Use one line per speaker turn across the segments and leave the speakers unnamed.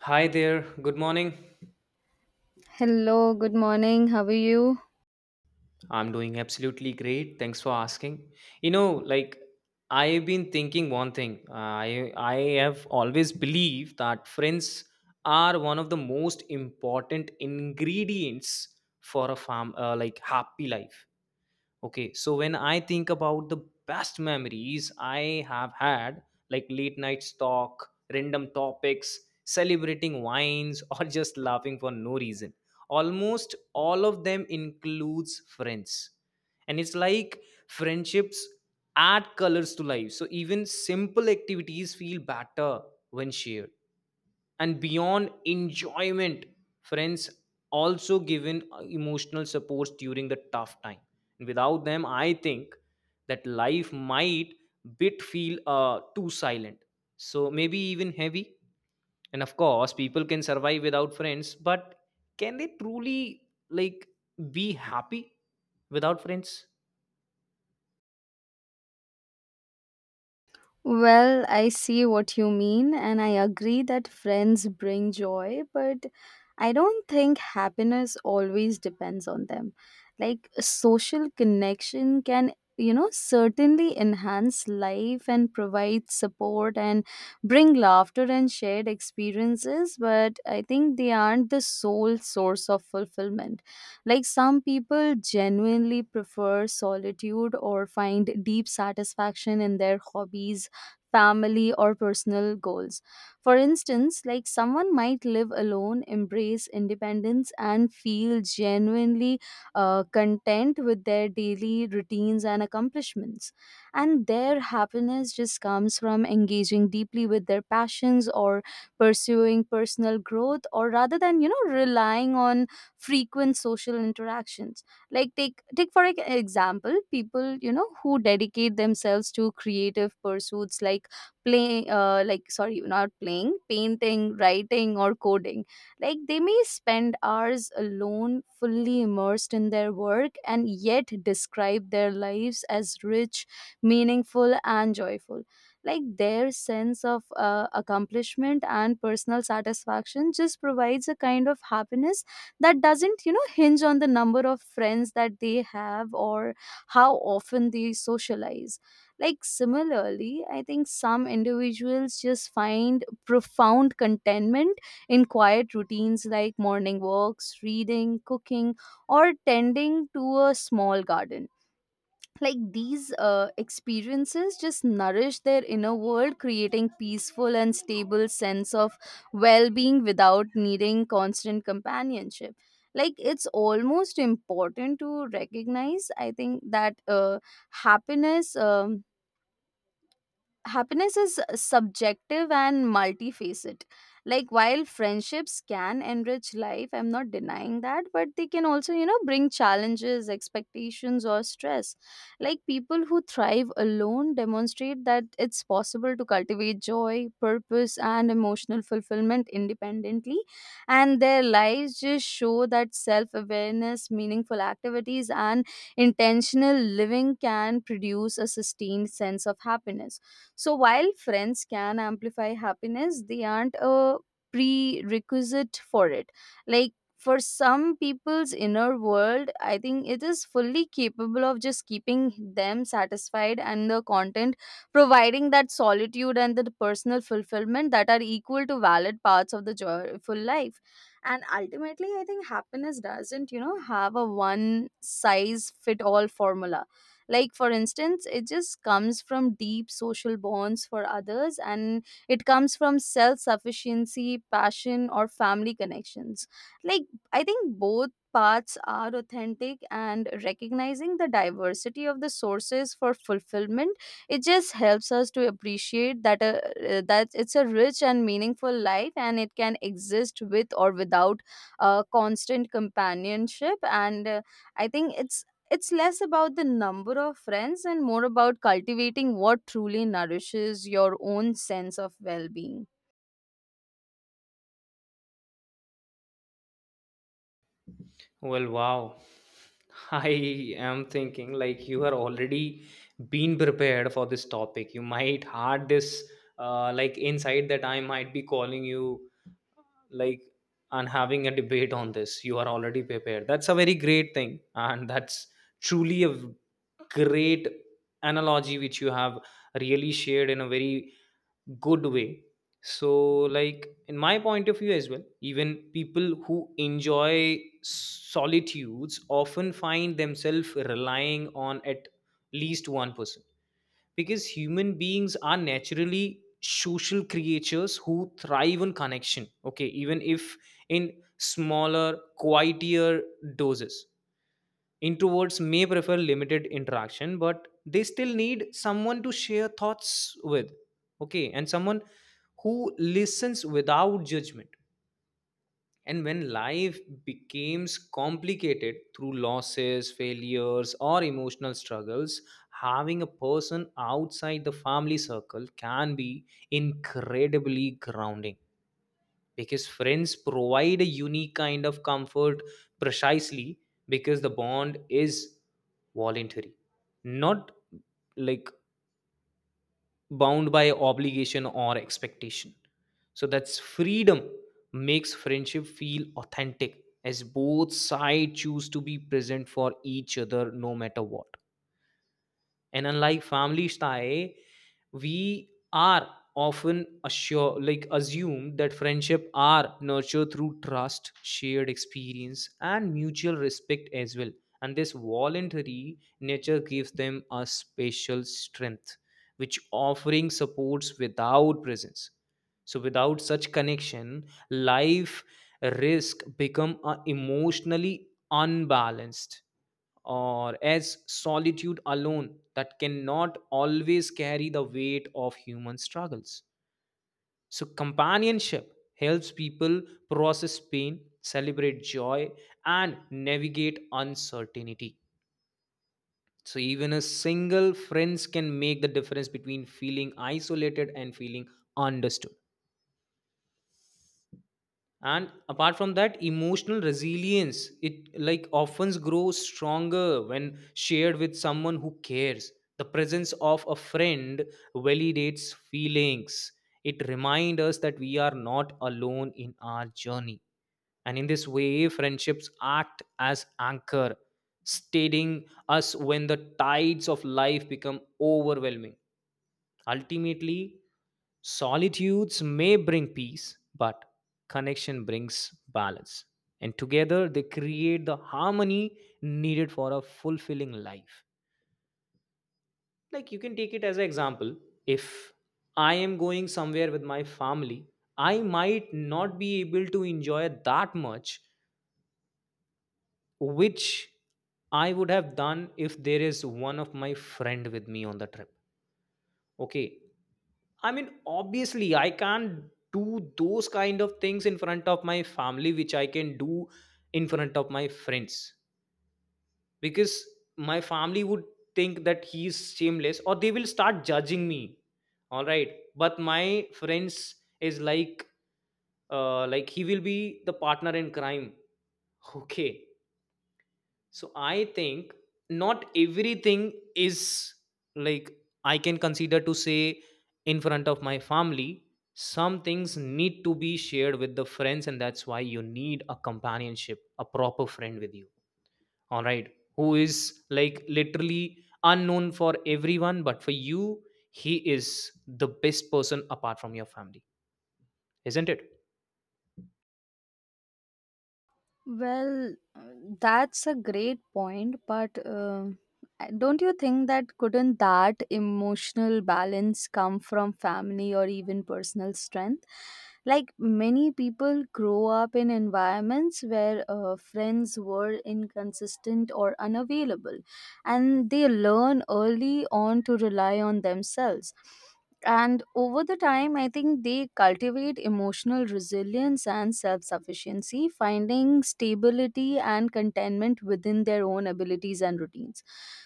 Hi there. Good morning.
Hello, good morning. How are you?
I'm doing absolutely great. Thanks for asking. You know, like I've been thinking one thing. I have always believed that friends are one of the most important ingredients for a farm like happy life. Okay, so when I think about the best memories I have had, like late nights talk, random topics, celebrating wines, or just laughing for no reason, almost all of them includes friends. And it's like friendships add colors to life. So even simple activities feel better when shared, and beyond enjoyment friends also given emotional supports during the tough time, and without them I think that life might bit feel too silent, so maybe even heavy. And of course people can survive without friends, but can they truly, like, be happy without friends?
Well, I see what you mean, and I agree that friends bring joy, but I don't think happiness always depends on them. Like, social connection can, certainly enhance life and provide support and bring laughter and shared experiences, but I think they aren't the sole source of fulfillment. Like, some people genuinely prefer solitude or find deep satisfaction in their hobbies, family, or personal goals. For instance, like someone might live alone, embrace independence, and feel genuinely content with their daily routines and accomplishments. And their happiness just comes from engaging deeply with their passions or pursuing personal growth, or rather than, relying on frequent social interactions, like take, for example, people who dedicate themselves to creative pursuits like Playing, like sorry not playing painting, writing, or coding. Like they may spend hours alone, fully immersed in their work, and yet describe their lives as rich, meaningful, and joyful. Like their sense of accomplishment and personal satisfaction just provides a kind of happiness that doesn't, hinge on the number of friends that they have or how often they socialize. Like, similarly, I think some individuals just find profound contentment in quiet routines like morning walks, reading, cooking, or tending to a small garden. Like, these experiences just nourish their inner world, creating peaceful and stable sense of well being without needing constant companionship. Like, it's almost important to recognize, I think, that happiness. Um, happiness is subjective and multifaceted. Like, while friendships can enrich life, I'm not denying that, but they can also, bring challenges, expectations, or stress. Like people who thrive alone demonstrate that it's possible to cultivate joy, purpose, and emotional fulfillment independently, and their lives just show that self-awareness, meaningful activities, and intentional living can produce a sustained sense of happiness. So while friends can amplify happiness, they aren't a prerequisite for it. Like for some people's inner world, I think it is fully capable of just keeping them satisfied and the content, providing that solitude and the personal fulfillment that are equal to valid parts of the joyful life. And ultimately, I think happiness doesn't, have a one size fit all formula. Like for instance, it just comes from deep social bonds for others, and it comes from self sufficiency, passion, or family connections. Like, I think both paths are authentic, and recognizing the diversity of the sources for fulfillment it just helps us to appreciate that that it's a rich and meaningful life, and it can exist with or without constant companionship. And I think it's less about the number of friends and more about cultivating what truly nourishes your own sense of well being.
Well, wow. I am thinking like you are already been prepared for this topic. You might had this like insight that I might be calling you, like, and having a debate on this. You are already prepared. That's a very great thing, and that's truly a great analogy which you have really shared in a very good way. So, like, in my point of view as well, even people who enjoy solitudes often find themselves relying on at least one person, because human beings are naturally social creatures who thrive on connection. Okay, even if in smaller, quieter doses. Introverts may prefer limited interaction, but they still need someone to share thoughts with. Okay, and someone who listens without judgment. And when life becomes complicated through losses, failures, or emotional struggles, having a person outside the family circle can be incredibly grounding, because friends provide a unique kind of comfort precisely because the bond is voluntary, not, like, bound by obligation or expectation. So that's freedom makes friendship feel authentic, as both sides choose to be present for each other no matter what. And unlike family style, we are often assure like assumed that friendship are nurtured through trust, shared experience and mutual respect as well. And this voluntary nature gives them a special strength, which offering supports without presence. So without such connection, life risk become emotionally unbalanced, or as solitude alone that cannot always carry the weight of human struggles. So, companionship helps people process pain, celebrate joy, and navigate uncertainty. So, even a single friends can make the difference between feeling isolated and feeling understood. And apart from that, emotional resilience it like often grows stronger when shared with someone who cares. The presence of a friend validates feelings. It reminds us that we are not alone in our journey, and in this way friendships act as anchor, steadying us when the tides of life become overwhelming. Ultimately, solitudes may bring peace, but connection brings balance. And together they create the harmony needed for a fulfilling life. Like you can take it as an example. If I am going somewhere with my family, I might not be able to enjoy that much, which I would have done if there is one of my friend with me on the trip. Okay, I mean, obviously, I can't do those kind of things in front of my family, which I can do in front of my friends, because my family would think that he's shameless or they will start judging me. All right. But my friends is like, like, he will be the partner in crime. Okay. So I think not everything is, like, I can consider to say in front of my family. Some things need to be shared with the friends, and that's why you need a companionship, a proper friend with you. All right. Who is like literally unknown for everyone, but for you, he is the best person apart from your family, isn't it?
Well, that's a great point, but don't you think that couldn't that emotional balance come from family or even personal strength? Like many people grow up in environments where friends were inconsistent or unavailable, and they learn early on to rely on themselves. And over the time, I think they cultivate emotional resilience and self sufficiency, finding stability and contentment within their own abilities and routines.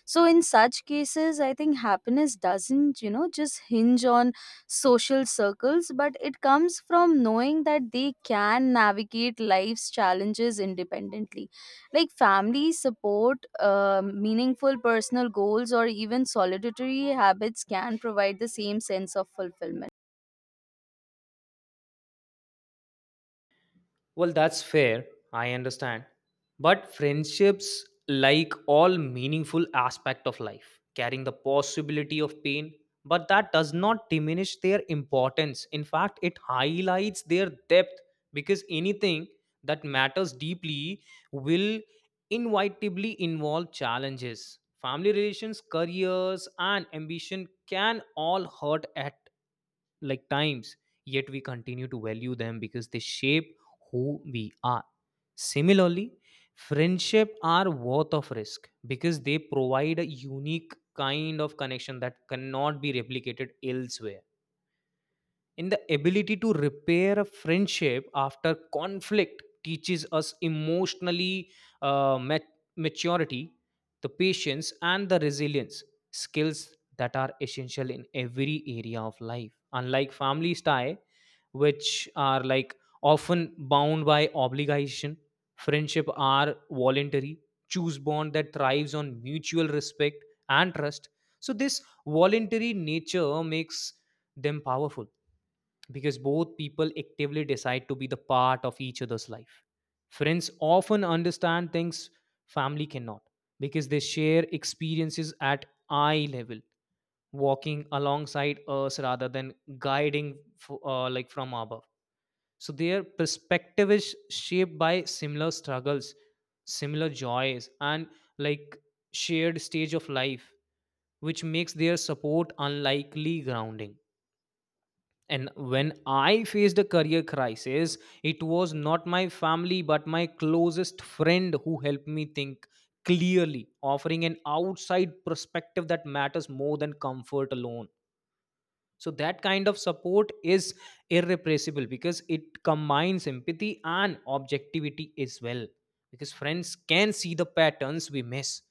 So, in such cases, I think happiness doesn't, just hinge on social circles, but it comes from knowing that they can navigate life's challenges independently. Like family support, meaningful personal goals, or even solitary habits can provide the same sense of fulfillment.
Well, that's fair. I understand. But friendships, like all meaningful aspect of life, carrying the possibility of pain, but that does not diminish their importance. In fact, it highlights their depth, because anything that matters deeply will inevitably involve challenges. Family relations, careers, and ambition can all hurt at, like, times, yet we continue to value them because they shape who we are. Similarly, friendship are worth of risk because they provide a unique kind of connection that cannot be replicated elsewhere. In the ability to repair a friendship after conflict teaches us emotionally uh, mat- maturity, the patience, and the resilience skills that are essential in every area of life. Unlike family tie, which are, like, often bound by obligation, friendship are voluntary, choose bond that thrives on mutual respect and trust. So this voluntary nature makes them powerful, because both people actively decide to be the part of each other's life. Friends often understand things family cannot, because they share experiences at eye level, walking alongside us rather than like from above. So their perspective is shaped by similar struggles, similar joys, and, like, shared stage of life, which makes their support unlikely grounding. And when I faced a career crisis, it was not my family but my closest friend who helped me think clearly, offering an outside perspective that matters more than comfort alone. So, that kind of support is irrepressible because it combines empathy and objectivity as well. Because friends can see the patterns we miss,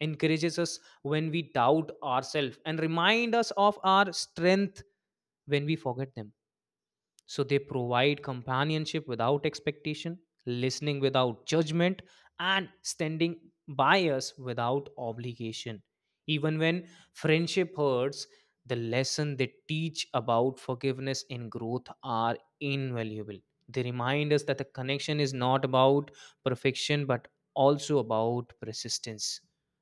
encourages us when we doubt ourselves, and remind us of our strength when we forget them, so they provide companionship without expectation, listening without judgment, and standing by us without obligation. Even when friendship hurts, the lesson they teach about forgiveness and growth are invaluable. They remind us that the connection is not about perfection but also about persistence.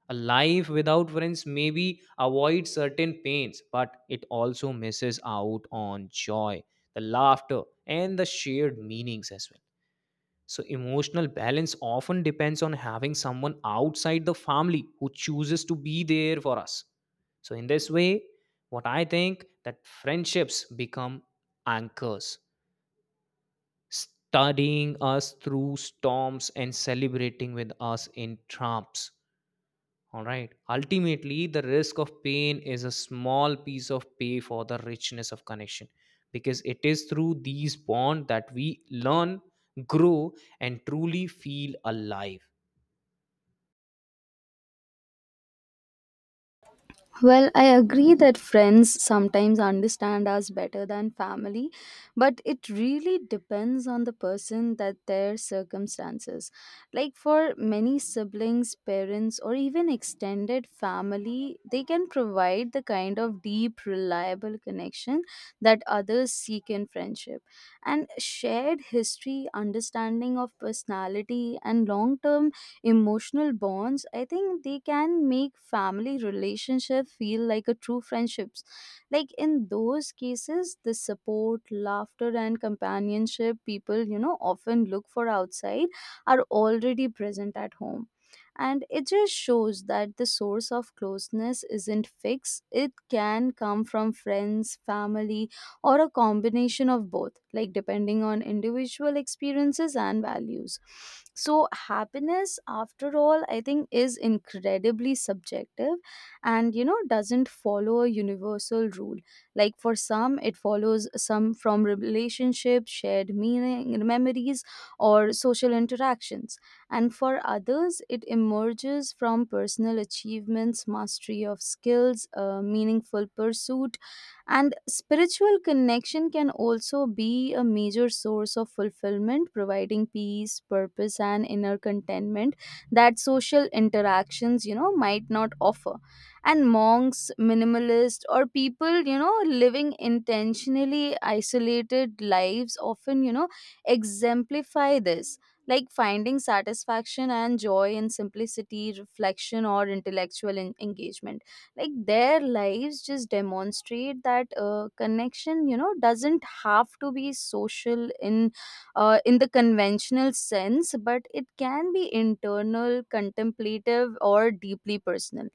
A life without friends maybe avoids certain pains, but it also misses out on joy, the laughter, and the shared meanings as well. So, emotional balance often depends on having someone outside the family who chooses to be there for us. So, in this way, what I think that friendships become anchors, studying us through storms and celebrating with us in triumphs. All right. Ultimately, the risk of pain is a small piece of pay for the richness of connection, because it is through these bonds that we learn, grow, and truly feel alive.
Well, I agree that friends sometimes understand us better than family, but it really depends on the person that their circumstances. Like for many, siblings, parents, or even extended family, they can provide the kind of deep, reliable connection that others seek in friendship. And shared history, understanding of personality, and long term emotional bonds, I think they can make family relationship feel like a true friendships. Like in those cases, the support, laughter, and companionship people, often look for outside are already present at home, and it just shows that the source of closeness isn't fixed. It can come from friends, family, or a combination of both, like depending on individual experiences and values. So, happiness, after all, I think is incredibly subjective and, doesn't follow a universal rule. Like, for some, it follows some from relationships, shared meaning, memories, or social interactions, and for others, it emerges from personal achievements, mastery of skills, a meaningful pursuit. And spiritual connection can also be a major source of fulfillment, providing peace, purpose, and inner contentment that social interactions, might not offer. And monks, minimalists, or people, living intentionally isolated lives often, exemplify this. Like finding satisfaction and joy in simplicity, reflection, or intellectual engagement. Like their lives just demonstrate that connection, doesn't have to be social in the conventional sense, but it can be internal, contemplative, or deeply personal.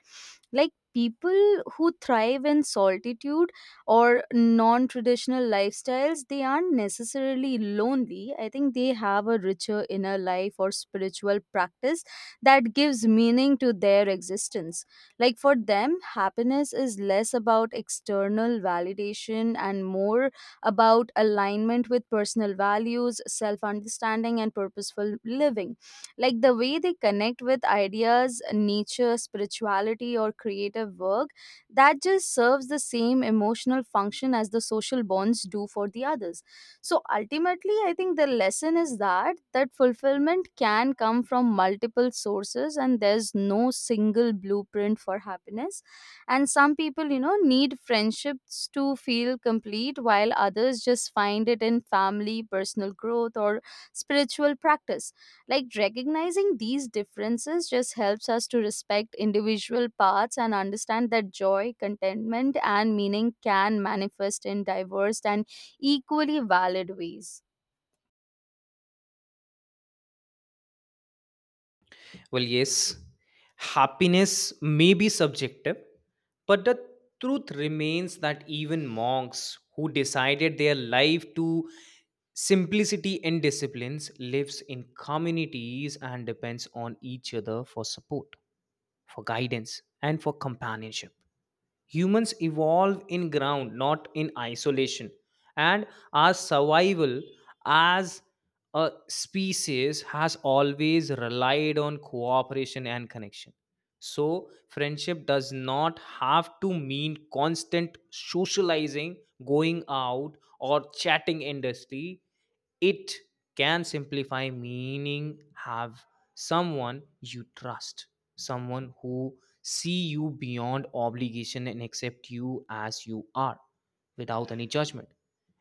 Like people who thrive in solitude or non-traditional lifestyles, they aren't necessarily lonely. I think they have a richer inner life or spiritual practice that gives meaning to their existence. Like for them, happiness is less about external validation and more about alignment with personal values, self understanding, and purposeful living. Like the way they connect with ideas, nature, spirituality, or creative work, that just serves the same emotional function as the social bonds do for the others. So ultimately, I think the lesson is that that fulfillment can come from multiple sources, and there's no single blueprint for happiness. And some people, need friendships to feel complete, while others just find it in family, personal growth, or spiritual practice. Like recognizing these differences just helps us to respect individual paths and understand that joy, contentment, and meaning can manifest in diverse and equally valid ways.
Well, yes, happiness may be subjective, but the truth remains that even monks who decided their life to simplicity and disciplines lives in communities and depends on each other for support, for guidance, and for companionship. Humans evolve in ground, not in isolation. And our survival as a species has always relied on cooperation and connection. So, friendship does not have to mean constant socializing, going out, or chatting endlessly. It can simplify meaning, have someone you trust, someone who see you beyond obligation and accept you as you are without any judgment.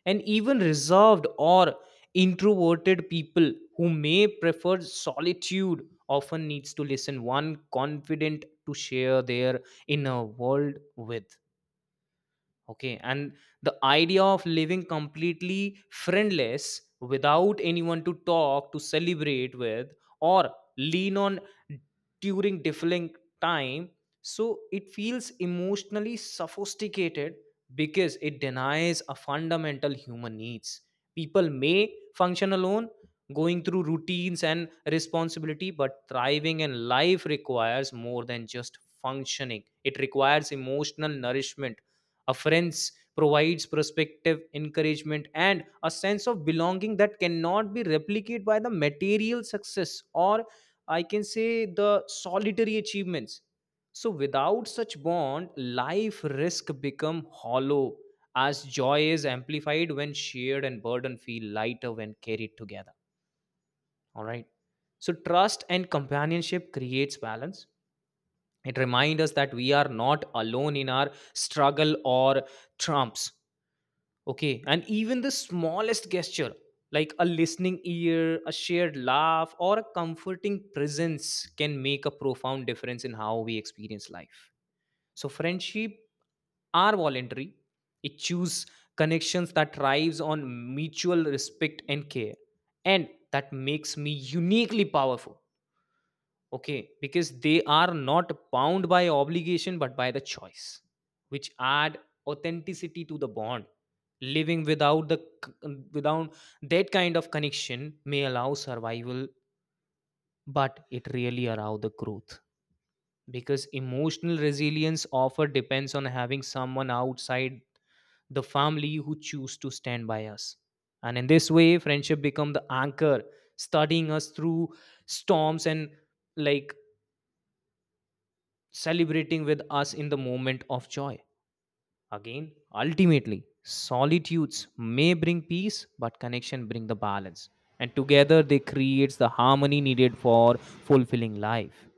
And even reserved or introverted people who may prefer solitude often needs to listen one confident to share their inner world with. Okay. And the idea of living completely friendless without anyone to talk, to celebrate with, or lean on during difficult time. So it feels emotionally sophisticated because it denies a fundamental human needs. People may function alone, going through routines and responsibility, but thriving in life requires more than just functioning. It requires emotional nourishment. Afference provides perspective, encouragement, and a sense of belonging that cannot be replicated by the material success or, I can say, the solitary achievements. So without such bond, life risk become hollow, as joy is amplified when shared and burden feel lighter when carried together. All right. So trust and companionship creates balance. It reminds us that we are not alone in our struggle or trumps. Okay, and even the smallest gesture, like a listening ear, a shared laugh, or a comforting presence, can make a profound difference in how we experience life. So, friendship are voluntary. It chooses connections that thrives on mutual respect and care, and that makes me uniquely powerful, okay, because they are not bound by obligation but by the choice, which add authenticity to the bond. Living without without that kind of connection may allow survival, but it really allow the growth, because emotional resilience offer depends on having someone outside the family who choose to stand by us. And in this way friendship become the anchor, studying us through storms and, like, celebrating with us in the moment of joy. Again, ultimately, solitudes may bring peace, but connection bring the balance. And together they creates the harmony needed for fulfilling life.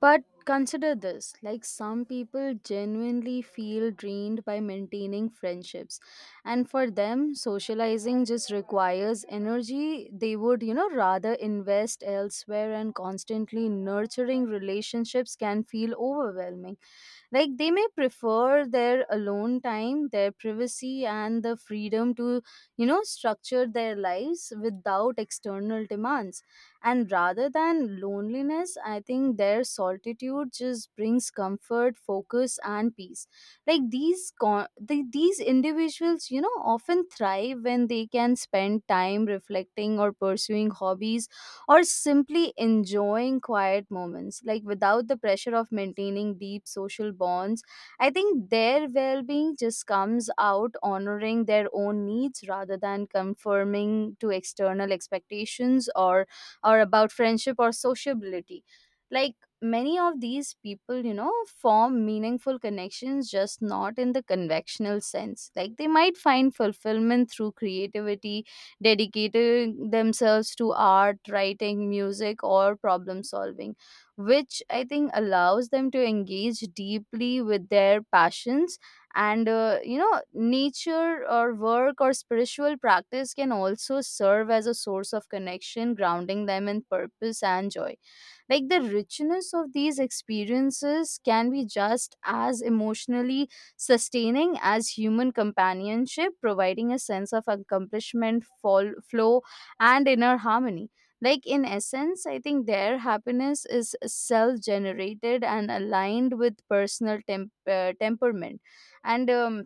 But consider this, like some people genuinely feel drained by maintaining friendships, and for them, socializing just requires energy they would, rather invest elsewhere, and constantly nurturing relationships can feel overwhelming. Like they may prefer their alone time, their privacy, and the freedom to, structure their lives without external demands. And rather than loneliness, I think their solitude just brings comfort, focus, and peace. Like these individuals, often thrive when they can spend time reflecting or pursuing hobbies or simply enjoying quiet moments, like without the pressure of maintaining deep social bonds. I think their well being just comes out honoring their own needs rather than conforming to external expectations, or about friendship or sociability. Like many of these people, form meaningful connections, just not in the conventional sense. Like they might find fulfillment through creativity, dedicating themselves to art, writing, music, or problem solving, which I think allows them to engage deeply with their passions. And, nature or work or spiritual practice can also serve as a source of connection, grounding them in purpose and joy. Like the richness of these experiences can be just as emotionally sustaining as human companionship, providing a sense of accomplishment, fall, flow, and inner harmony. Like in essence, I think their happiness is self generated and aligned with personal temperament. And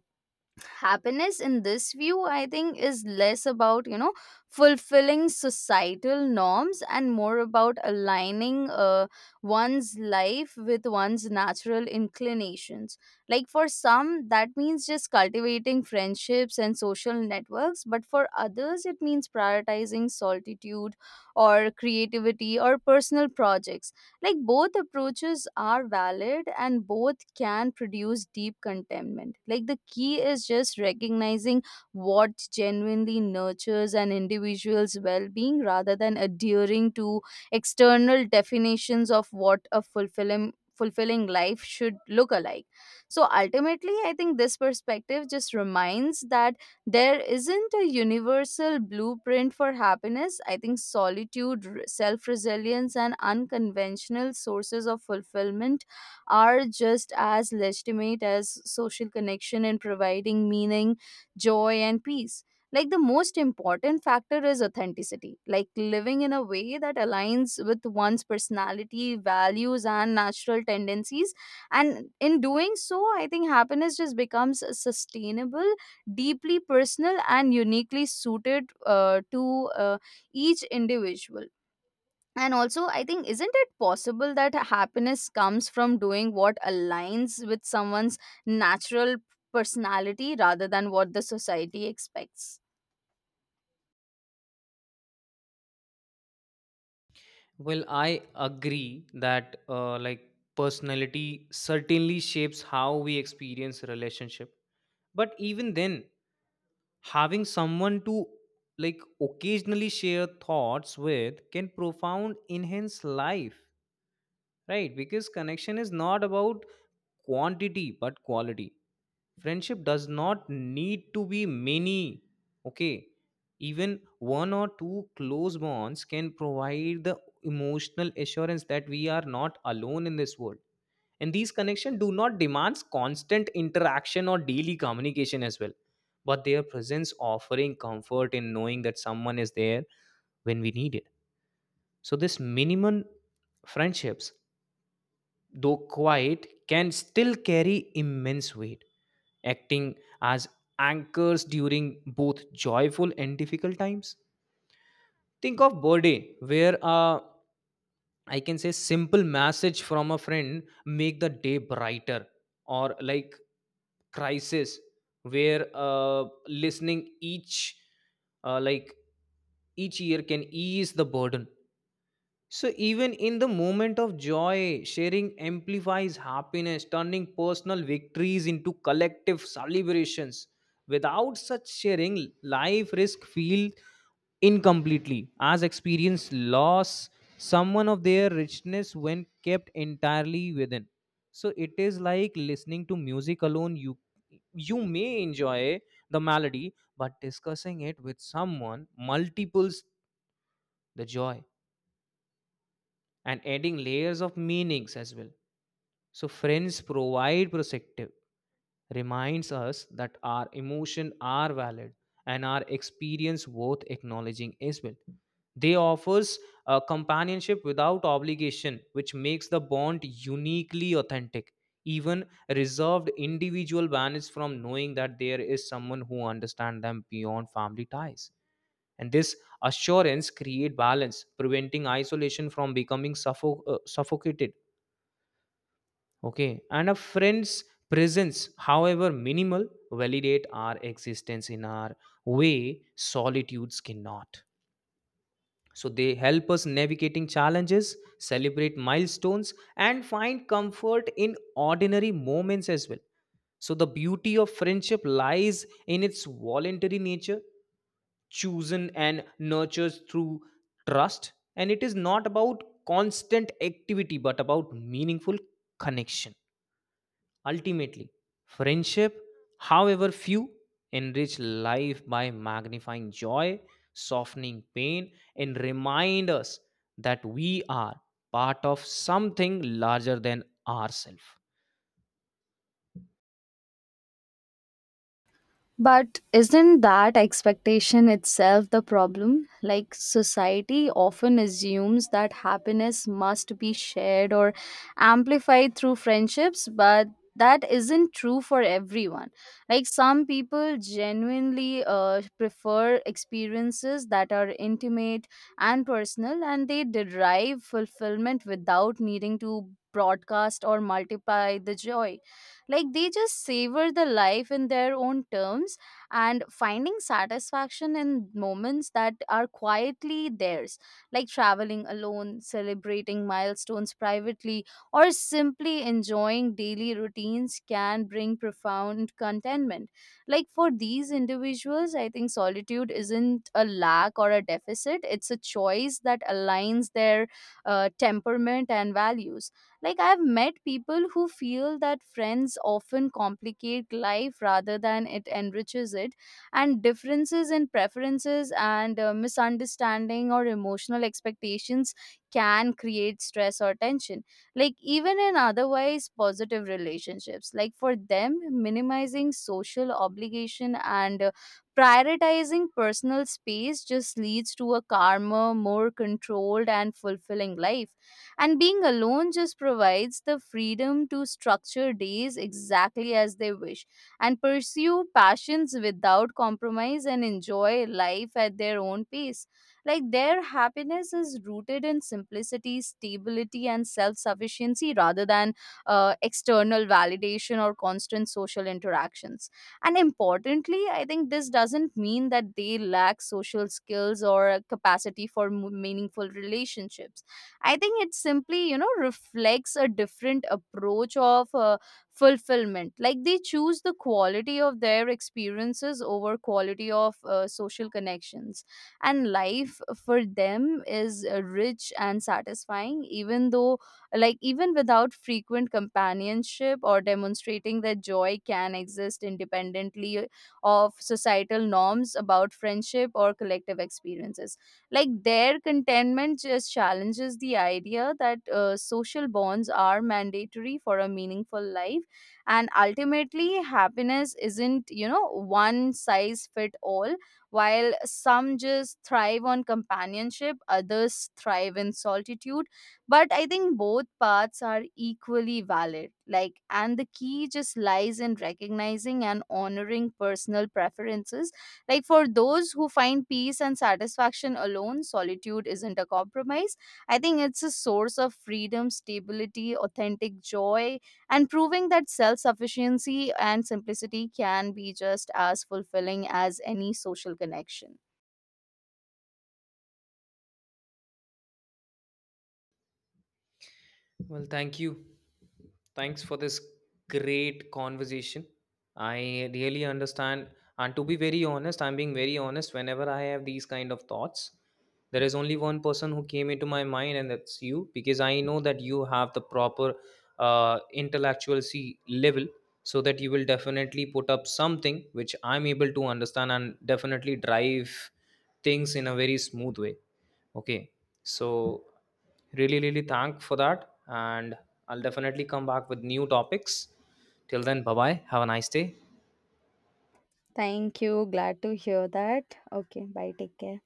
happiness in this view, I think, is less about, fulfilling societal norms and more about aligning one's life with one's natural inclinations. Like for some, that means just cultivating friendships and social networks, but for others it means prioritizing solitude or creativity or personal projects. Like both approaches are valid, and both can produce deep contentment. Like the key is just recognizing what genuinely nurtures an individual's well being rather than adhering to external definitions of what a fulfilling life should look alike. So ultimately, I think this perspective just reminds that there isn't a universal blueprint for happiness. I think solitude, self resilience, and unconventional sources of fulfillment are just as legitimate as social connection in providing meaning, joy, and peace. Like the most important factor is authenticity, like living in a way that aligns with one's personality, values, and natural tendencies. And in doing so, I think happiness just becomes sustainable, deeply personal, and uniquely suited to each individual. And also, I think, isn't it possible that happiness comes from doing what aligns with someone's natural personality rather than what the society expects?
Well, I agree that like personality certainly shapes how we experience relationship. But even then, having someone to, like, occasionally share thoughts with can profound enhance life. Right, because connection is not about quantity but quality. Friendship does not need to be many. Okay, even one or two close bonds can provide the emotional assurance that we are not alone in this world. And these connections do not demand constant interaction or daily communication as well, but their presence offering comfort in knowing that someone is there when we need it. So, this minimum friendships, though quiet, can still carry immense weight, acting as anchors during both joyful and difficult times. Think of birthday, where a, I can say, simple message from a friend make the day brighter, or like crisis, where listening uh, like each year can ease the burden. So, even in the moment of joy, sharing amplifies happiness, turning personal victories into collective celebrations. Without such sharing, life risk feel incompletely, as experience loss someone of their richness when kept entirely within. So it is like listening to music alone. You may enjoy the melody, but discussing it with someone multiples the joy and adding layers of meanings as well. So, friends provide perspective, reminds us that our emotions are valid and our experience worth acknowledging as well. They offers a companionship without obligation, which makes the bond uniquely authentic. Even reserved individual banish from knowing that there is someone who understands them beyond family ties, and this assurance create balance, preventing isolation from becoming suffocated. Okay, and a friend's presence, however minimal, validate our existence in our way solitudes cannot. So they help us navigating challenges, celebrate milestones, and find comfort in ordinary moments as well. So the beauty of friendship lies in its voluntary nature, chosen and nurtures through trust, and it is not about constant activity but about meaningful connection. Ultimately, friendship, however few, enrich life by magnifying joy, softening pain, and remind us that we are part of something larger than ourselves.
But isn't that expectation itself the problem? Like, society often assumes that happiness must be shared or amplified through friendships, but that isn't true for everyone. Like, some people genuinely prefer experiences that are intimate and personal, and they derive fulfillment without needing to broadcast or multiply the joy. Like they just savor the life in their own terms and finding satisfaction in moments that are quietly theirs, like traveling alone, celebrating milestones privately, or simply enjoying daily routines can bring profound contentment. Like for these individuals, I think solitude isn't a lack or a deficit, it's a choice that aligns their temperament and values. Like, I've met people who feel that friends often complicate life rather than it enriches it, and differences in preferences and misunderstanding or emotional expectations can create stress or tension. Like, even in otherwise positive relationships, like for them, minimizing social obligation and prioritizing personal space just leads to a calmer, more controlled, and fulfilling life, and being alone just provides the freedom to structure days exactly as they wish and pursue passions without compromise and enjoy life at their own pace. Like their happiness is rooted in simplicity, stability, and self sufficiency rather than external validation or constant social interactions. And importantly, I think this doesn't mean that they lack social skills or a capacity for meaningful relationships. I think it simply, reflects a different approach of fulfillment. Like they choose the quality of their experiences over quality of social connections. And life for them is rich and satisfying, even though, like, even without frequent companionship, or demonstrating that joy can exist independently of societal norms about friendship or collective experiences. Like their contentment just challenges the idea that social bonds are mandatory for a meaningful life. And ultimately, happiness isn't, one size fit all. While some just thrive on companionship, others thrive in solitude. But I think both paths are equally valid. Like, and the key just lies in recognizing and honoring personal preferences. Like for those who find peace and satisfaction alone, solitude isn't a compromise. I think it's a source of freedom, stability, authentic joy, and proving that self sufficiency and simplicity can be just as fulfilling as any social connection.
Well, thank you. Thanks for this great conversation. I really understand. And to be very honest, I'm being very honest. Whenever I have these kind of thoughts, there is only one person who came into my mind, and that's you, because I know that you have the proper intellectual C level, so that you will definitely put up something which I'm able to understand and definitely drive things in a very smooth way. Okay, so really, really thank for that, and I'll definitely come back with new topics. Till then, bye bye. Have a nice day.
Thank you. Glad to hear that. Okay, bye. Take care.